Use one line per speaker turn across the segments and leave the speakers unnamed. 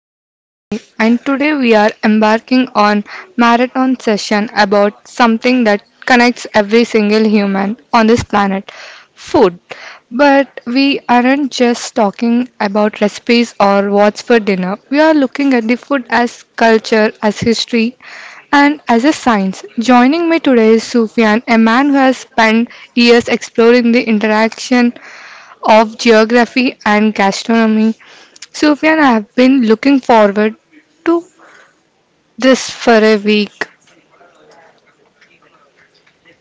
host Jahnavi, and today we are embarking on marathon session about something that connects every single human on this planet, food. But we aren't just talking about recipes or what's for dinner. We are looking at the food as culture, as history, and as a science. Joining me today is Sufyan, a man who has spent years exploring the interaction of geography and gastronomy. Sufyan, I have been looking forward to this for a week.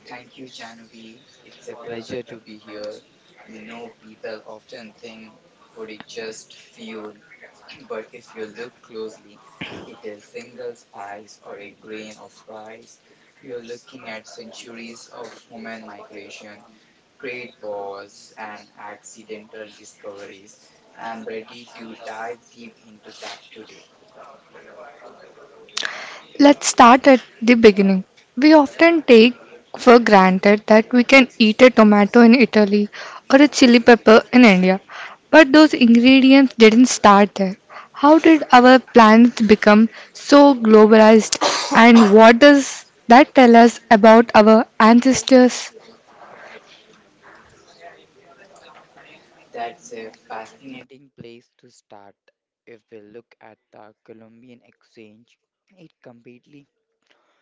Thank you, Janvi. It's a pleasure to be here. You know, people often think food is just fuel, but if you look closely, it is single spice or a grain of rice. You're looking at centuries of human migration, trade wars, and accidental discoveries. I'm ready to dive deep into that today.
Let's start at the beginning. We often take for granted that we can eat a tomato in Italy or a chili pepper in India, but those ingredients didn't start there. How did our plants become so globalized, and what does that tell us about our ancestors?
That's a fascinating place to start. If we look at the Colombian exchange, it completely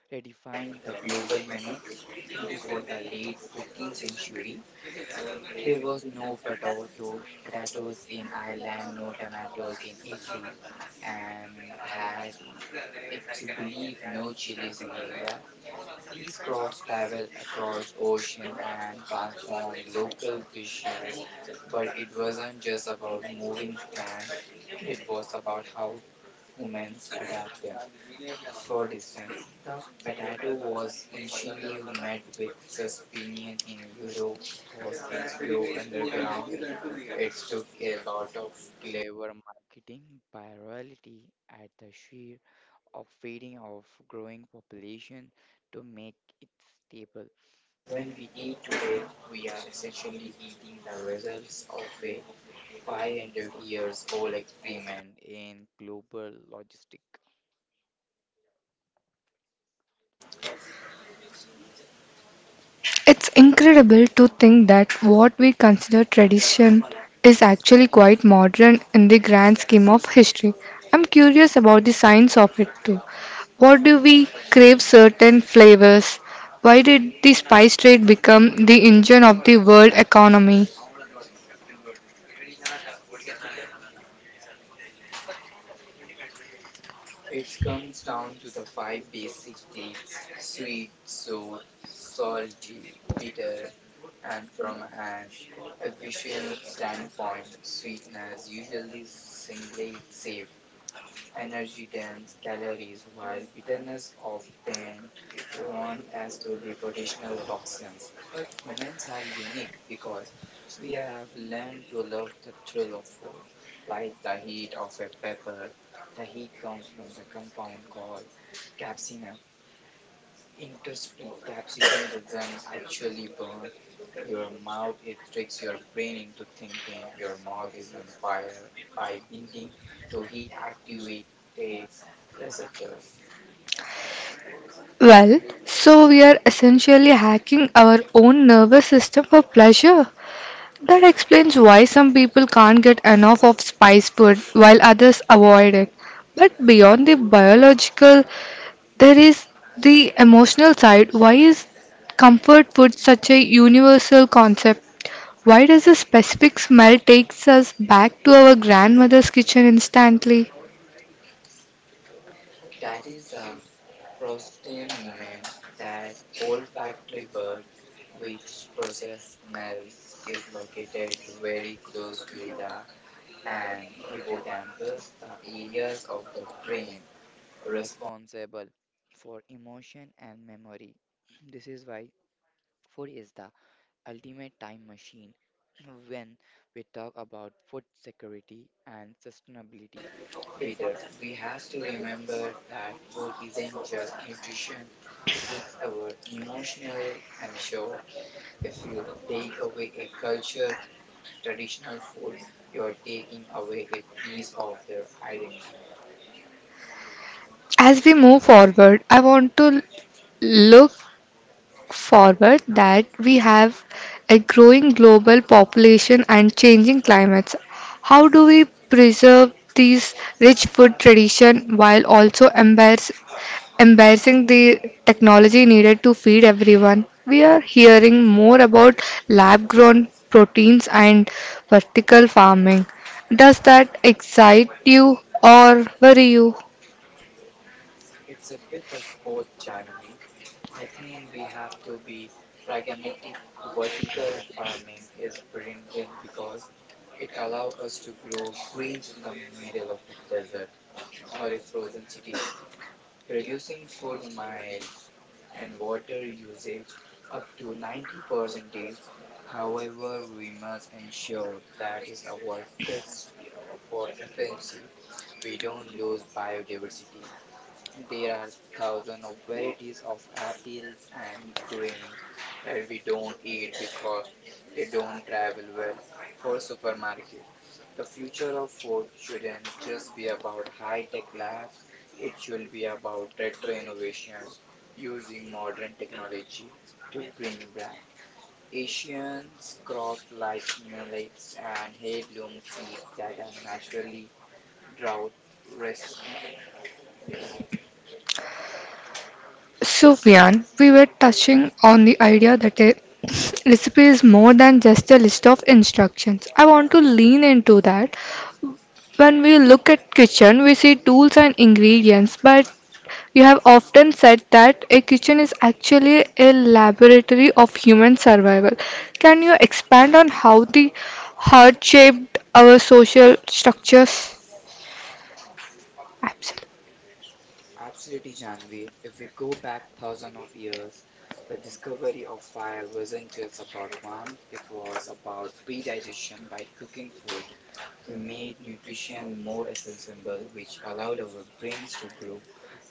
redefined the global menu before the late 15th century. There was no potato, potatoes in Ireland, no tomatoes in Italy, and had it to believe no chilies in India. These crops travel across oceans and transform local cuisines, but it wasn't just about moving plants. It was about how humans adapt them. For distance, the potato was initially met with suspicion in Europe because it grew underground. It took a lot of clever marketing by royalty at the sheer of feeding of growing population to make it stable. When we eat today, essentially the results of a 500 years old experiment in global logistics.
It's incredible to think that what we consider tradition is actually quite modern in the grand scheme of history. I'm curious about the science of it too. What do we crave certain flavors? Why did the spice trade become the engine of the world economy?
It comes down to the five basic tastes: sweet, sour, salty, bitter, and from an efficient standpoint, sweetness usually singulates safe energy dense calories, while bitterness often warned as to be potential toxins. But humans are unique because we have learned to love the thrill of food, like the heat of a pepper. The heat comes from the compound called capsaicin. Interestingly, capsicum doesn't actually burn your mouth, it tricks your brain into thinking your mouth is on fire by binding to heat activated receptors.
Well, so we are essentially hacking our own nervous system for pleasure. That explains why some people can't get enough of spice food while others avoid it. But beyond the biological, there is the emotional side. Why is comfort food such a universal concept? Why does a specific smell takes us back to our grandmother's kitchen instantly?
That is the protein movement, that olfactory bulb which process smells is located very close to the and hippocampus, the areas of the brain responsible for emotion and memory. This is why food is the ultimate time machine. When we talk about food security and sustainability later, we have to remember that food isn't just nutrition, it's our emotional and sure. If you take away a culture, traditional food, you're taking away a piece of their identity.
As we move forward, I want to look forward that we have a growing global population and changing climates. How do we preserve these rich food tradition while also embracing the technology needed to feed everyone? We are hearing more about lab-grown proteins and vertical farming. Does that excite you or worry you?
It's a bit of both, Janavi. I think we have to be pragmatic. Vertical farming is brilliant because it allows us to grow greens in the middle of a desert or a frozen city, reducing food mile and water usage up to 90%. However, we must ensure that is our cost for efficiency. We don't lose biodiversity. There are thousands of varieties of apples and grains that we don't eat because they don't travel well for supermarkets. The future of food shouldn't just be about high-tech labs, it should be about retro innovation using modern technology to bring back Asian crops like millets and heirloom seeds that are naturally drought resistant.
Sufyan, we were touching on the idea that a recipe is more than just a list of instructions. I want to lean into that. When we look at kitchen, we see tools and ingredients, but you have often said that a kitchen is actually a laboratory of human survival. Can you expand on how the heart shaped our social structures? Absolutely.
Absolutely, Janvi. If we go back thousands of years, the discovery of fire wasn't just about warmth, it was about predigestion by cooking food. We made nutrition more accessible, which allowed our brains to grow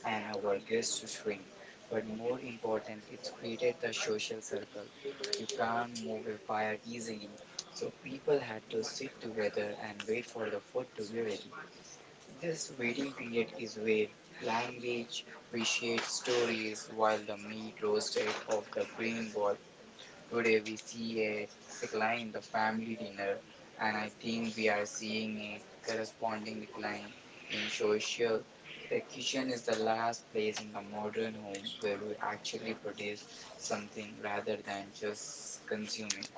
and our guts to shrink. But more important, it's created the social circle. You can't move a fire easily, so people had to sit together and wait for the food to be ready. This waiting period is where language we shared stories while the meat roasted off the grain bowl. Today we see a decline in the family dinner, and I think we are seeing a corresponding decline in social. The kitchen is the last place in the modern home where we actually produce something rather than just consume it.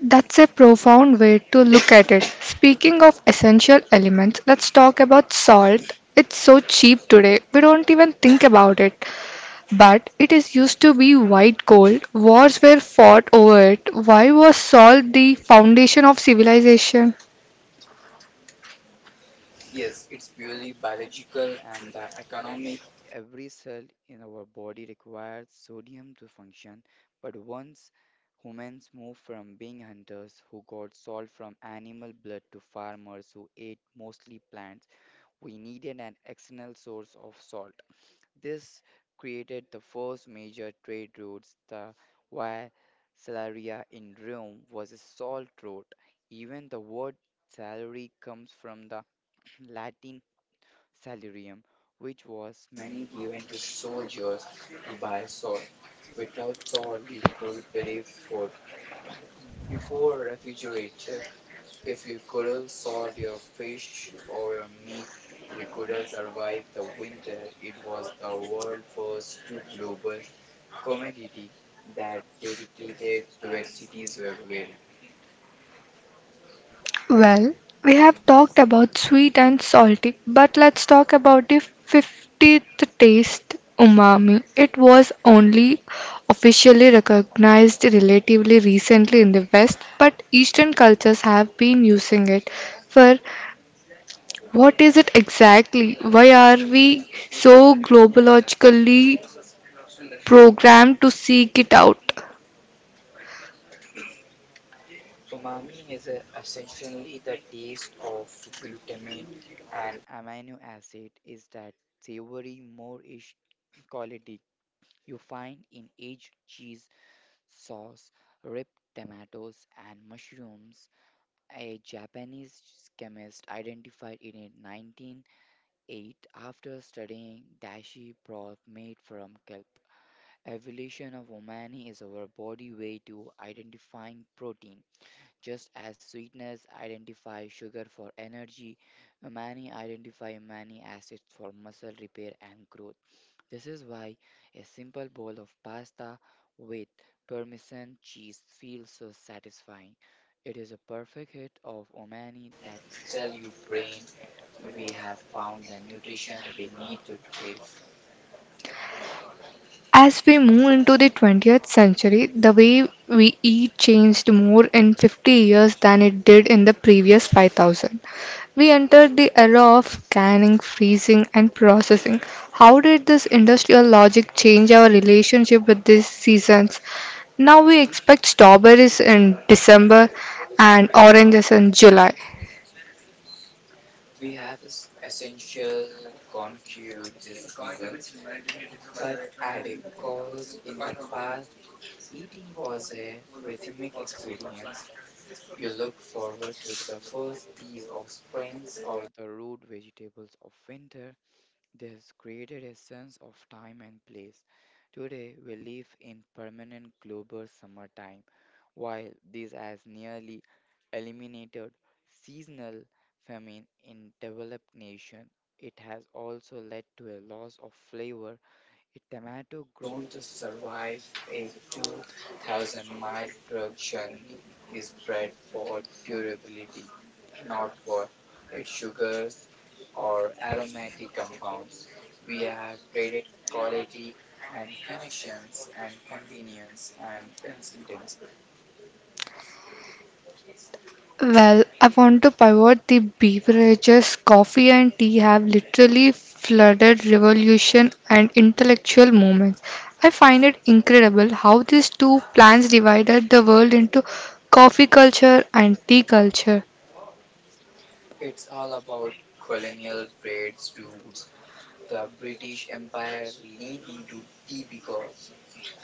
That's a profound way to look at it. Speaking of essential elements, let's talk about salt. It's so cheap today, we don't even think about it. But it is used to be white gold. Wars were fought over it. Why was salt the foundation of civilization?
Yes, it's purely biological and the economic. Every cell in our body requires sodium to function, but once humans moved from being hunters who got salt from animal blood to farmers who ate mostly plants, we needed an external source of salt. This created the first major trade routes. The Via Salaria in Rome was a salt route. Even the word salary comes from the Latin salarium, which was money given to soldiers to buy salt. Without salt, you could bury food. Before refrigerator, if you couldn't salt your fish or your meat, you couldn't survive the winter. It was the world first to global commodity that dedicated to where cities were well.
Well, we have talked about sweet and salty, but let's talk about the 50th taste, umami. It was only officially recognized relatively recently in the West, but Eastern cultures have been using it. For what is it exactly? Why are we so globologically programmed to seek it out?
Umami is essentially the taste of glutamate and amino acid is that savory moreish quality you find in aged cheese sauce, ripe tomatoes and mushrooms. A Japanese chemist identified it in 1908 after studying dashi broth made from kelp. Evolution of umami is our body way to identifying protein just as sweetness identifies sugar for energy, many identify many acids for muscle repair and growth. This is why a simple bowl of pasta with parmesan cheese feels so satisfying. It is a perfect hit of omani that tell your brain we have found the nutrition we need to thrive.
As we move into the 20th century, the way we eat changed more in 50 years than it did in the previous 5000. We entered the era of canning, freezing, and processing. How did this industrial logic change our relationship with these seasons? Now we expect strawberries in December and oranges in July.
We have this essential conquered the seasons, but at a cost. In the past eating was a rhythmic experience. You look forward to the first piece of springs or the root vegetables of winter. This created a sense of time and place. Today, we live in permanent global summertime, while this has nearly eliminated seasonal famine in developed nations. It has also led to a loss of flavor. A tomato grown to survive a 2,000 mile truck journey is bred for durability, not for its sugars or aromatic compounds. We have traded quality and connections and convenience and consistency.
Well, I want to pivot the beverages. Coffee and tea have literally flooded revolution and intellectual movements. I find it incredible how these two plants divided the world into coffee culture and tea culture.
It's all about colonial trade routes. The British Empire leaned into tea because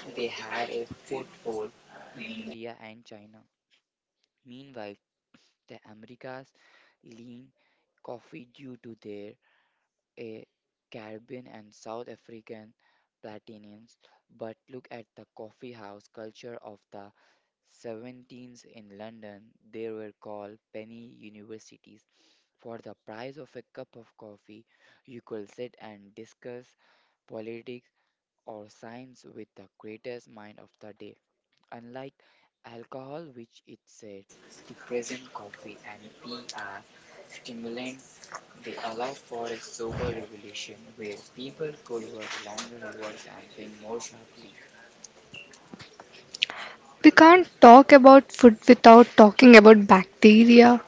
they had a foothold in India and China. Meanwhile, the Americas lean coffee due to their eh, Caribbean and South African platinums. But look at the coffee house culture of the 17s in London. They were called penny universities. For the price of a cup of coffee, you could sit and discuss politics or science with the greatest mind of the day. Unlike alcohol, which is a depressant, coffee and tea are stimulants. They allow for a sober revelation where people could work longer hours and think more sharply.
We can't talk about food without talking about bacteria.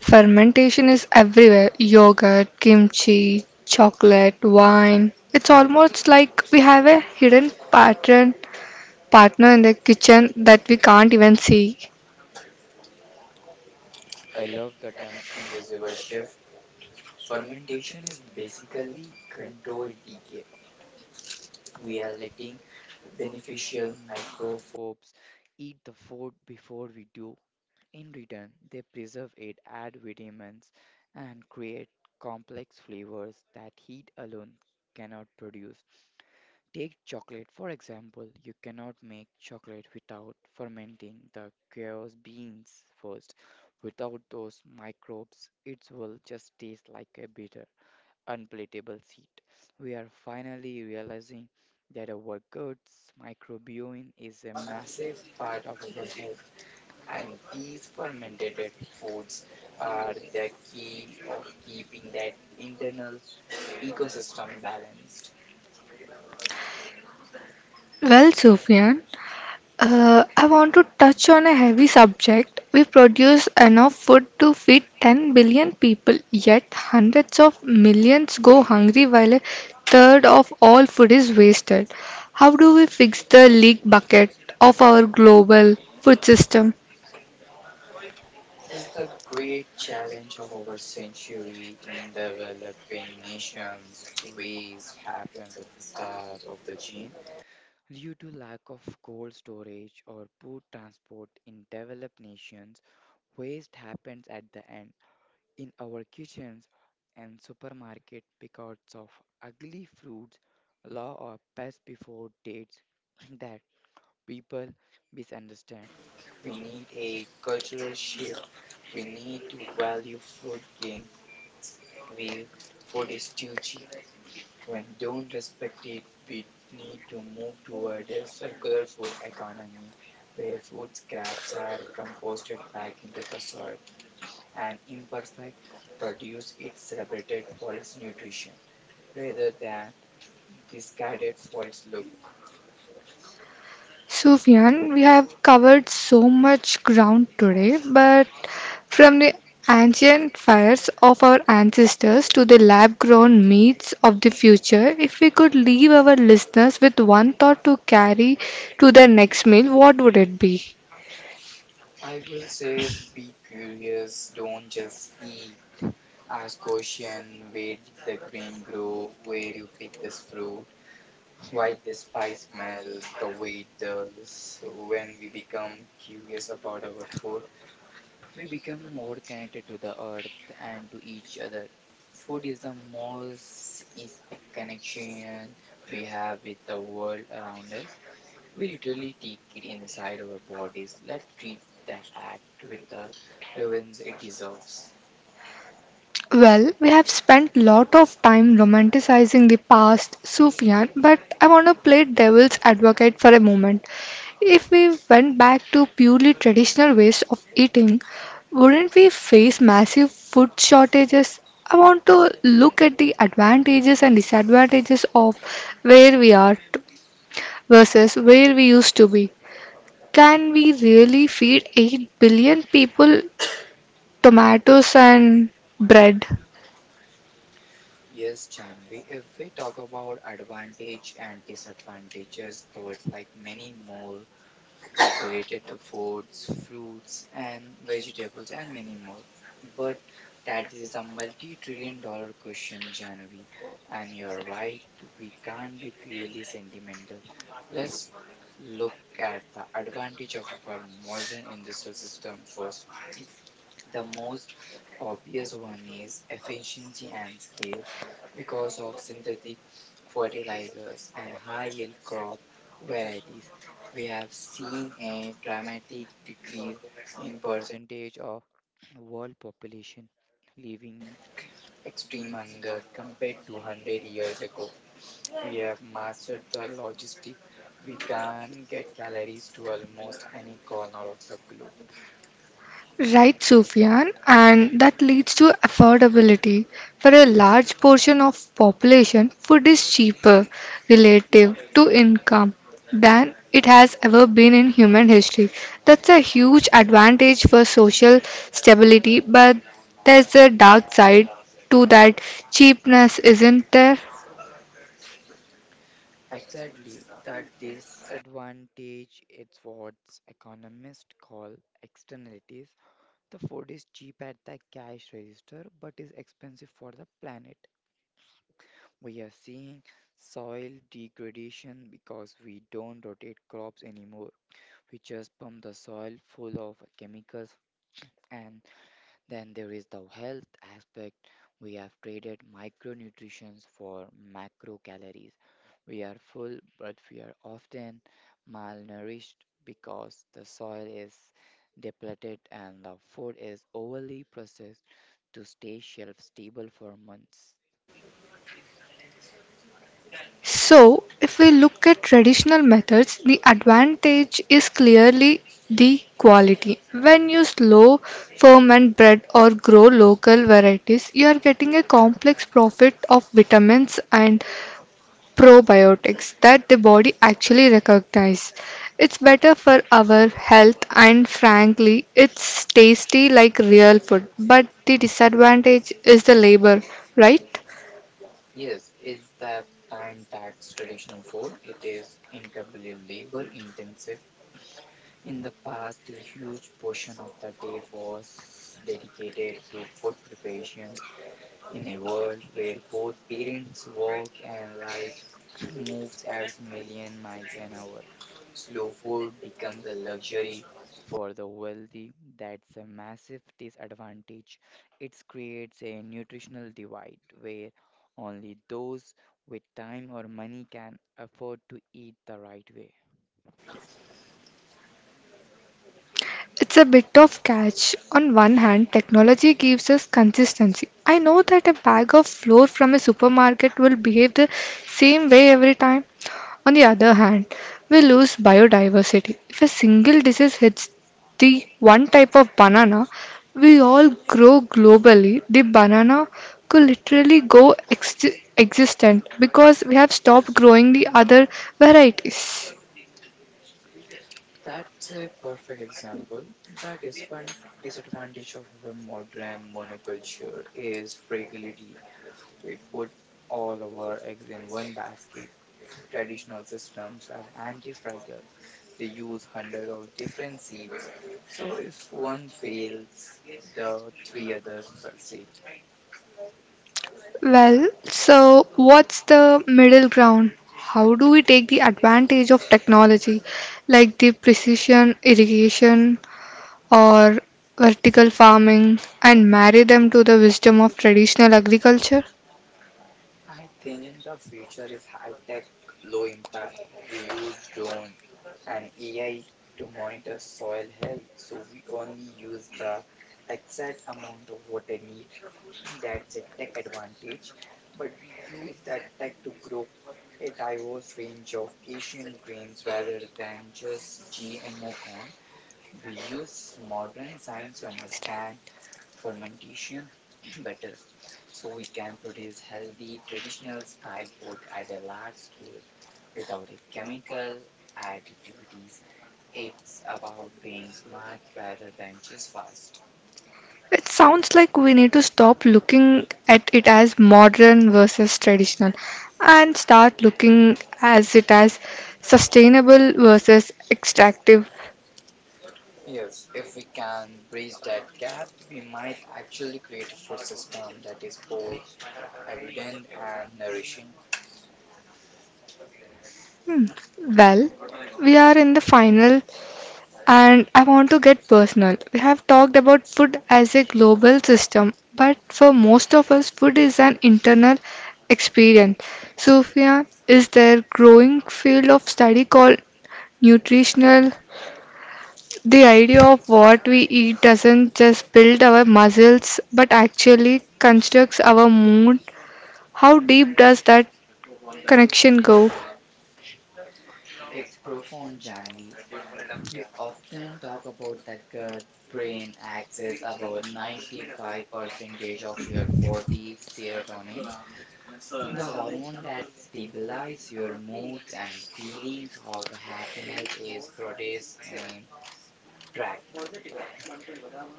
Fermentation is everywhere yogurt, kimchi, chocolate, wine. It's almost like we have a hidden pattern partner in the kitchen that we can't even see.
I love the term invisible chef. Fermentation is basically controlled decay. We are letting beneficial microbes eat the food before we do. In return, they preserve it, add vitamins, and create complex flavors that heat alone cannot produce. Take chocolate, for example. You cannot make chocolate without fermenting the chaos beans first. Without those microbes, it will just taste like a bitter, unpalatable seed. We are finally realizing that our guts microbiome is a massive part of our health, and these fermented foods are the key of keeping that internal ecosystem balanced.
Well, Sufyan, I want to touch on a heavy subject. We produce enough food to feed 10 billion people, yet hundreds of millions go hungry while a third of all food is wasted. How do we fix the leak bucket of our global food system?
This is the great challenge of our century. In developing nations, waste happens at the start of the chain due to lack of cold storage or poor transport. In developed nations, waste happens at the end in our kitchens and supermarket because of ugly fruits law or past before dates that people misunderstand. We need a cultural shift. We need to value food gain. We food is too cheap when don't respect it. We need to move toward a circular food economy where food scraps are composted back into the soil and imperfect produce is celebrated for its nutrition rather than discarded for its look.
Sufyan, we have covered so much ground today, but from the ancient fires of our ancestors to the lab grown meats of the future, if we could leave our listeners with one thought to carry to their next meal, what would it be?
I will say be curious, don't just eat. Ask question, where did the grain grow? Where you pick this fruit? Why this spice smells the way it does? When we become curious about our food, we become more connected to the earth and to each other. Food is the most is connection we have with the world around us. We literally take it inside our bodies. Let's treat the act with the reverence it deserves.
Well, we have spent lot of time romanticizing the past, Sufyan, but I want to play devil's advocate for a moment. If we went back to purely traditional ways of eating, wouldn't we face massive food shortages? I want to look at the advantages and disadvantages of where we are t- versus where we used to be. Can we really feed 8 billion people tomatoes and bread?
Yes, Chanvi, if we talk about advantage and disadvantages, though it's like many more related to foods, fruits, and vegetables, and many more. But that is a multi trillion dollar question, Janvi, and you're right, we can't be purely sentimental. Let's look at the advantage of our modern industrial system first. The most obvious one is efficiency and scale. Because of synthetic fertilizers and high yield crop varieties, we have seen a dramatic decrease in percentage of world population living extreme hunger compared to 100 years ago. We have mastered the logistic. We can get calories to almost any corner of the globe.
Right, Sufyan, and that leads to affordability. For a large portion of population, food is cheaper relative to income than it has ever been in human history. That's a huge advantage for social stability, but there's a dark side to that cheapness, isn't there?
Exactly, that disadvantage is what economists call externalities. The food is cheap at the cash register but is expensive for the planet. We are seeing soil degradation because we don't rotate crops anymore. We just pump the soil full of chemicals, and then there is the health aspect. We have traded micronutrients for macro calories. We are full, but we are often malnourished because the soil is depleted and the food is overly processed to stay shelf stable for months.
So, if we look at traditional methods, the advantage is clearly the quality. When you slow ferment bread or grow local varieties, you are getting a complex profit of vitamins and probiotics that the body actually recognize. It's better for our health and frankly, it's tasty like real food. But the disadvantage is the labor, right?
Yes, is that time tax traditional food? It is incredibly labor intensive. In the past, a huge portion of the day was dedicated to food preparations in a world where both parents' work and lives moves at million miles an hour. Slow food becomes a luxury for the wealthy. That's a massive disadvantage. It creates a nutritional divide where only those with time or money can afford to eat the right way.
It's a bit of catch. On one hand, technology gives us consistency. I know that a bag of flour from a supermarket will behave the same way every time. On the other hand, we lose biodiversity. If a single disease hits the one type of banana, we all grow globally. The banana could literally existent because we have stopped growing the other varieties.
That's a perfect example. The disadvantage of our modern monoculture is fragility. We put all our eggs in one basket. Traditional systems are anti-fragile. They use hundred of different seeds. So if one fails, the three others succeed.
Well, so what's the middle ground? How do we take the advantage of technology like the precision irrigation or vertical farming and marry them to the wisdom of traditional agriculture?
I think the future is high tech, low impact. We use drones and AI to monitor soil health, so we only use the exact amount of water need. That's a tech advantage, but we use that tech to grow a diverse range of Asian grains rather than just GMO corn. We use modern science to understand fermentation better, so we can produce healthy traditional style food at a large scale without a chemical additivities. It's about being smart rather than just fast.
It sounds like we need to stop looking at it as modern versus traditional and start looking as it as sustainable versus extractive.
Yes, if we can bridge that gap we might actually create a food system that is both abundant and nourishing.
Hmm. Well, we are in the final and I want to get personal. We have talked about food as a global system, but for most of us, food is an internal experience. Sophia, is there growing field of study called nutritional? The idea of what we eat doesn't just build our muscles, but actually constructs our mood. How deep does that connection go?
It's profound, Janvi. We often talk about the gut brain axis. About 95% of your body's serotonin, the hormone that stabilizes your moods and feelings of happiness, is protease and track.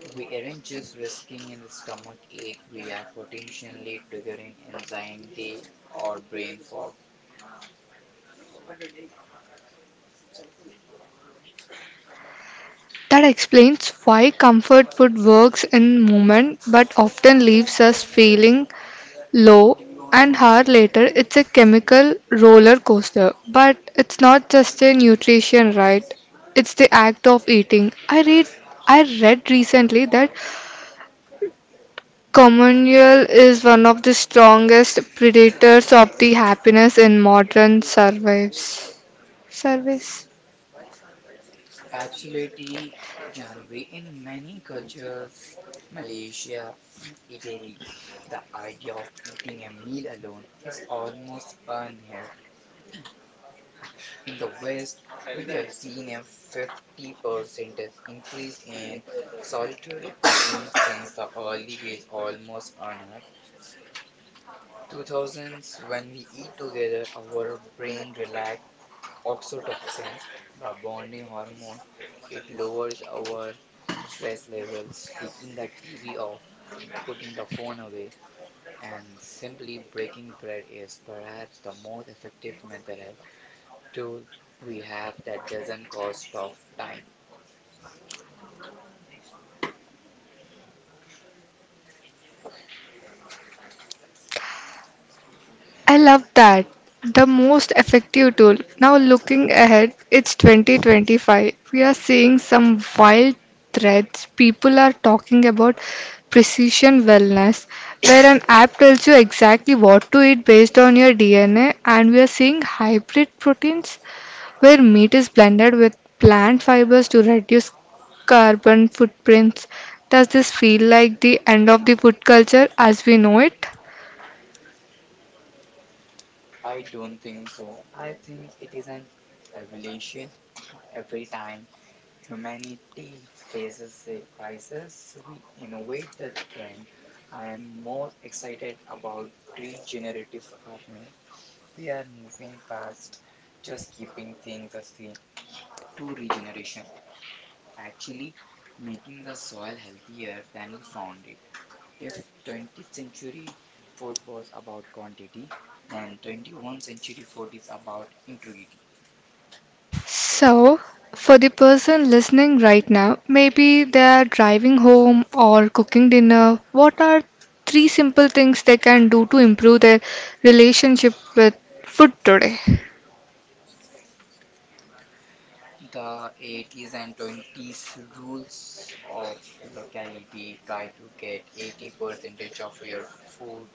We aren't just risking in the stomach ache, we are potentially triggering anxiety or brain fog.
That explains why comfort food works in moment but often leaves us feeling low, and hard later, it's a chemical roller coaster. But it's not just a nutrition, right? It's the act of eating. I read recently that communal is one of the strongest predators of the happiness in modern surveys. Service.
Absolutely, Janvi. In many cultures, Malaysia, Italy, the idea of eating a meal alone is almost unheard. In the West, we have seen a 50% increase in solitary eating since the early is almost unheard. 2000s, when we eat together, our brain relax oxytocin, the bonding hormone. It lowers our stress levels, taking the TV off, putting the phone away, and simply breaking bread is perhaps the most effective mental health tool we have that doesn't cost of time.
I love that. The most effective tool. Now, looking ahead, it's 2025. We are seeing some wild threads. People are talking about precision wellness, where an app tells you exactly what to eat based on your DNA, and we are seeing hybrid proteins, where meat is blended with plant fibers to reduce carbon footprints. Does this feel like the end of the food culture as we know it?
I don't think so. I think it is an evolution. Every time humanity faces a crisis, we innovate the trend. I am most excited about regenerative farming. We are moving past just keeping things the same to regeneration, actually making the soil healthier than we found it. If 20th century food was about quantity, then 21st century food is about integrity.
So, for the person listening right now, maybe they are driving home or cooking dinner, what are three simple things they can do to improve their relationship with food today?
The 80s and 20s rules of locality, try to get 80% of your food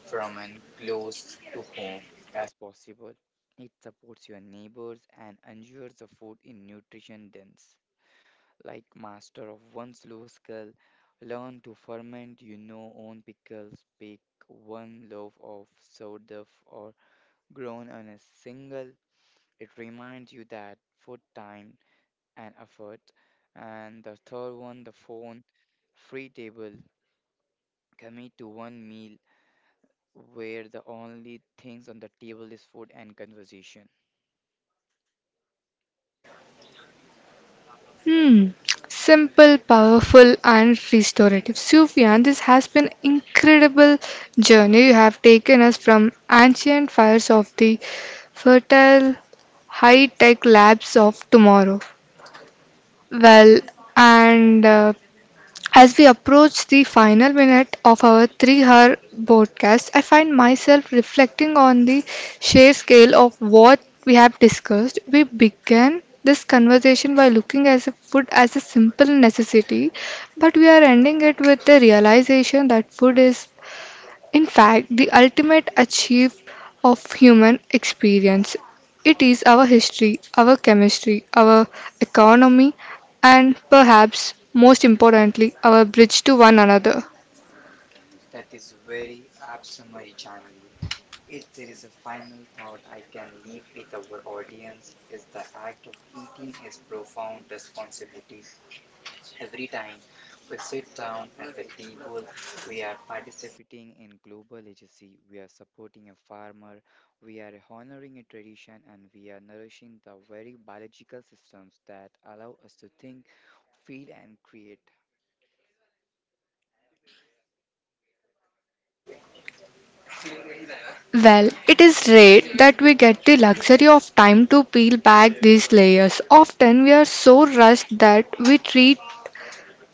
from and close to home as possible. It supports your neighbors and ensures the food in nutrition dense. Like master of one slow skill, learn to ferment your know own pickles, bake one loaf of sourdough or grown on a single. It reminds you that food time and effort. And the third one, the phone free table. Commit to one meal where the only things on the table is food and conversation.
Hmm. Simple, powerful, and restorative. Sufyan, this has been incredible journey you have taken us from ancient fires of the fertile high-tech labs of tomorrow. Well, and as we approach the final minute of our 3-hour broadcast, I find myself reflecting on the sheer scale of what we have discussed. We began this conversation by looking at food as a simple necessity, but we are ending it with the realization that food is in fact, the ultimate achieve of human experience. It is our history, our chemistry, our economy, and perhaps most importantly, our bridge to one another.
That is very apt, January. If there is a final thought I can leave with our audience is the act of eating is profound responsibility. Every time we sit down at the table, we are participating in global legacy, we are supporting a farmer, we are honoring a tradition, and we are nourishing the very biological systems that allow us to think, feel, and create.
Well, it is rare that we get the luxury of time to peel back these layers. Often we are so rushed that we treat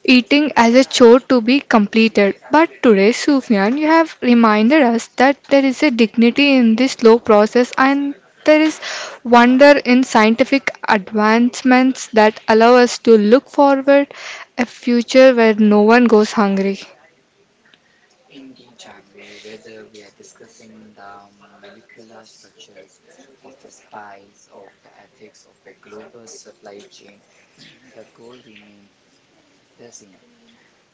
eating as a chore to be completed. But today, Sufyan, you have reminded us that there is a dignity in this slow process and there is wonder in scientific advancements that allow us to look forward a future where no one goes hungry.
Indeed, Janvi, whether we are discussing the molecular structures of a spice, of the ethics of a global supply chain, the goal remains the same,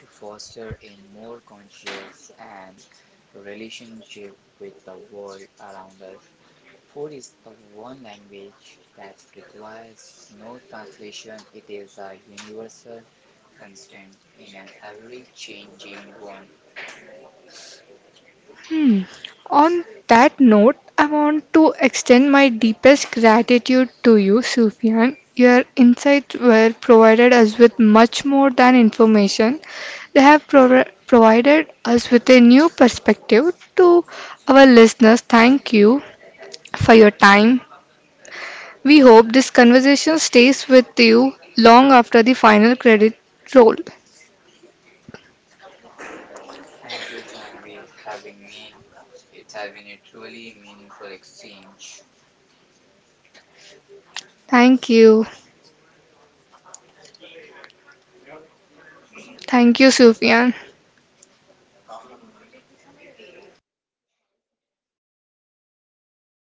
to foster a more conscious and relationship with the world around us. Food is the one language that requires no translation. It is a universal constant in an every changing one.
Hmm. On that note, I want to extend my deepest gratitude to you, Sufyan. Your insights were provided us with much more than information. They have provided us with a new perspective. To our listeners, thank you for your time. We hope this conversation stays with you long after the final credit roll.
Thank you, Janvi, having me. It has been a truly meaningful exchange.
Thank you. Thank you, Sufyan.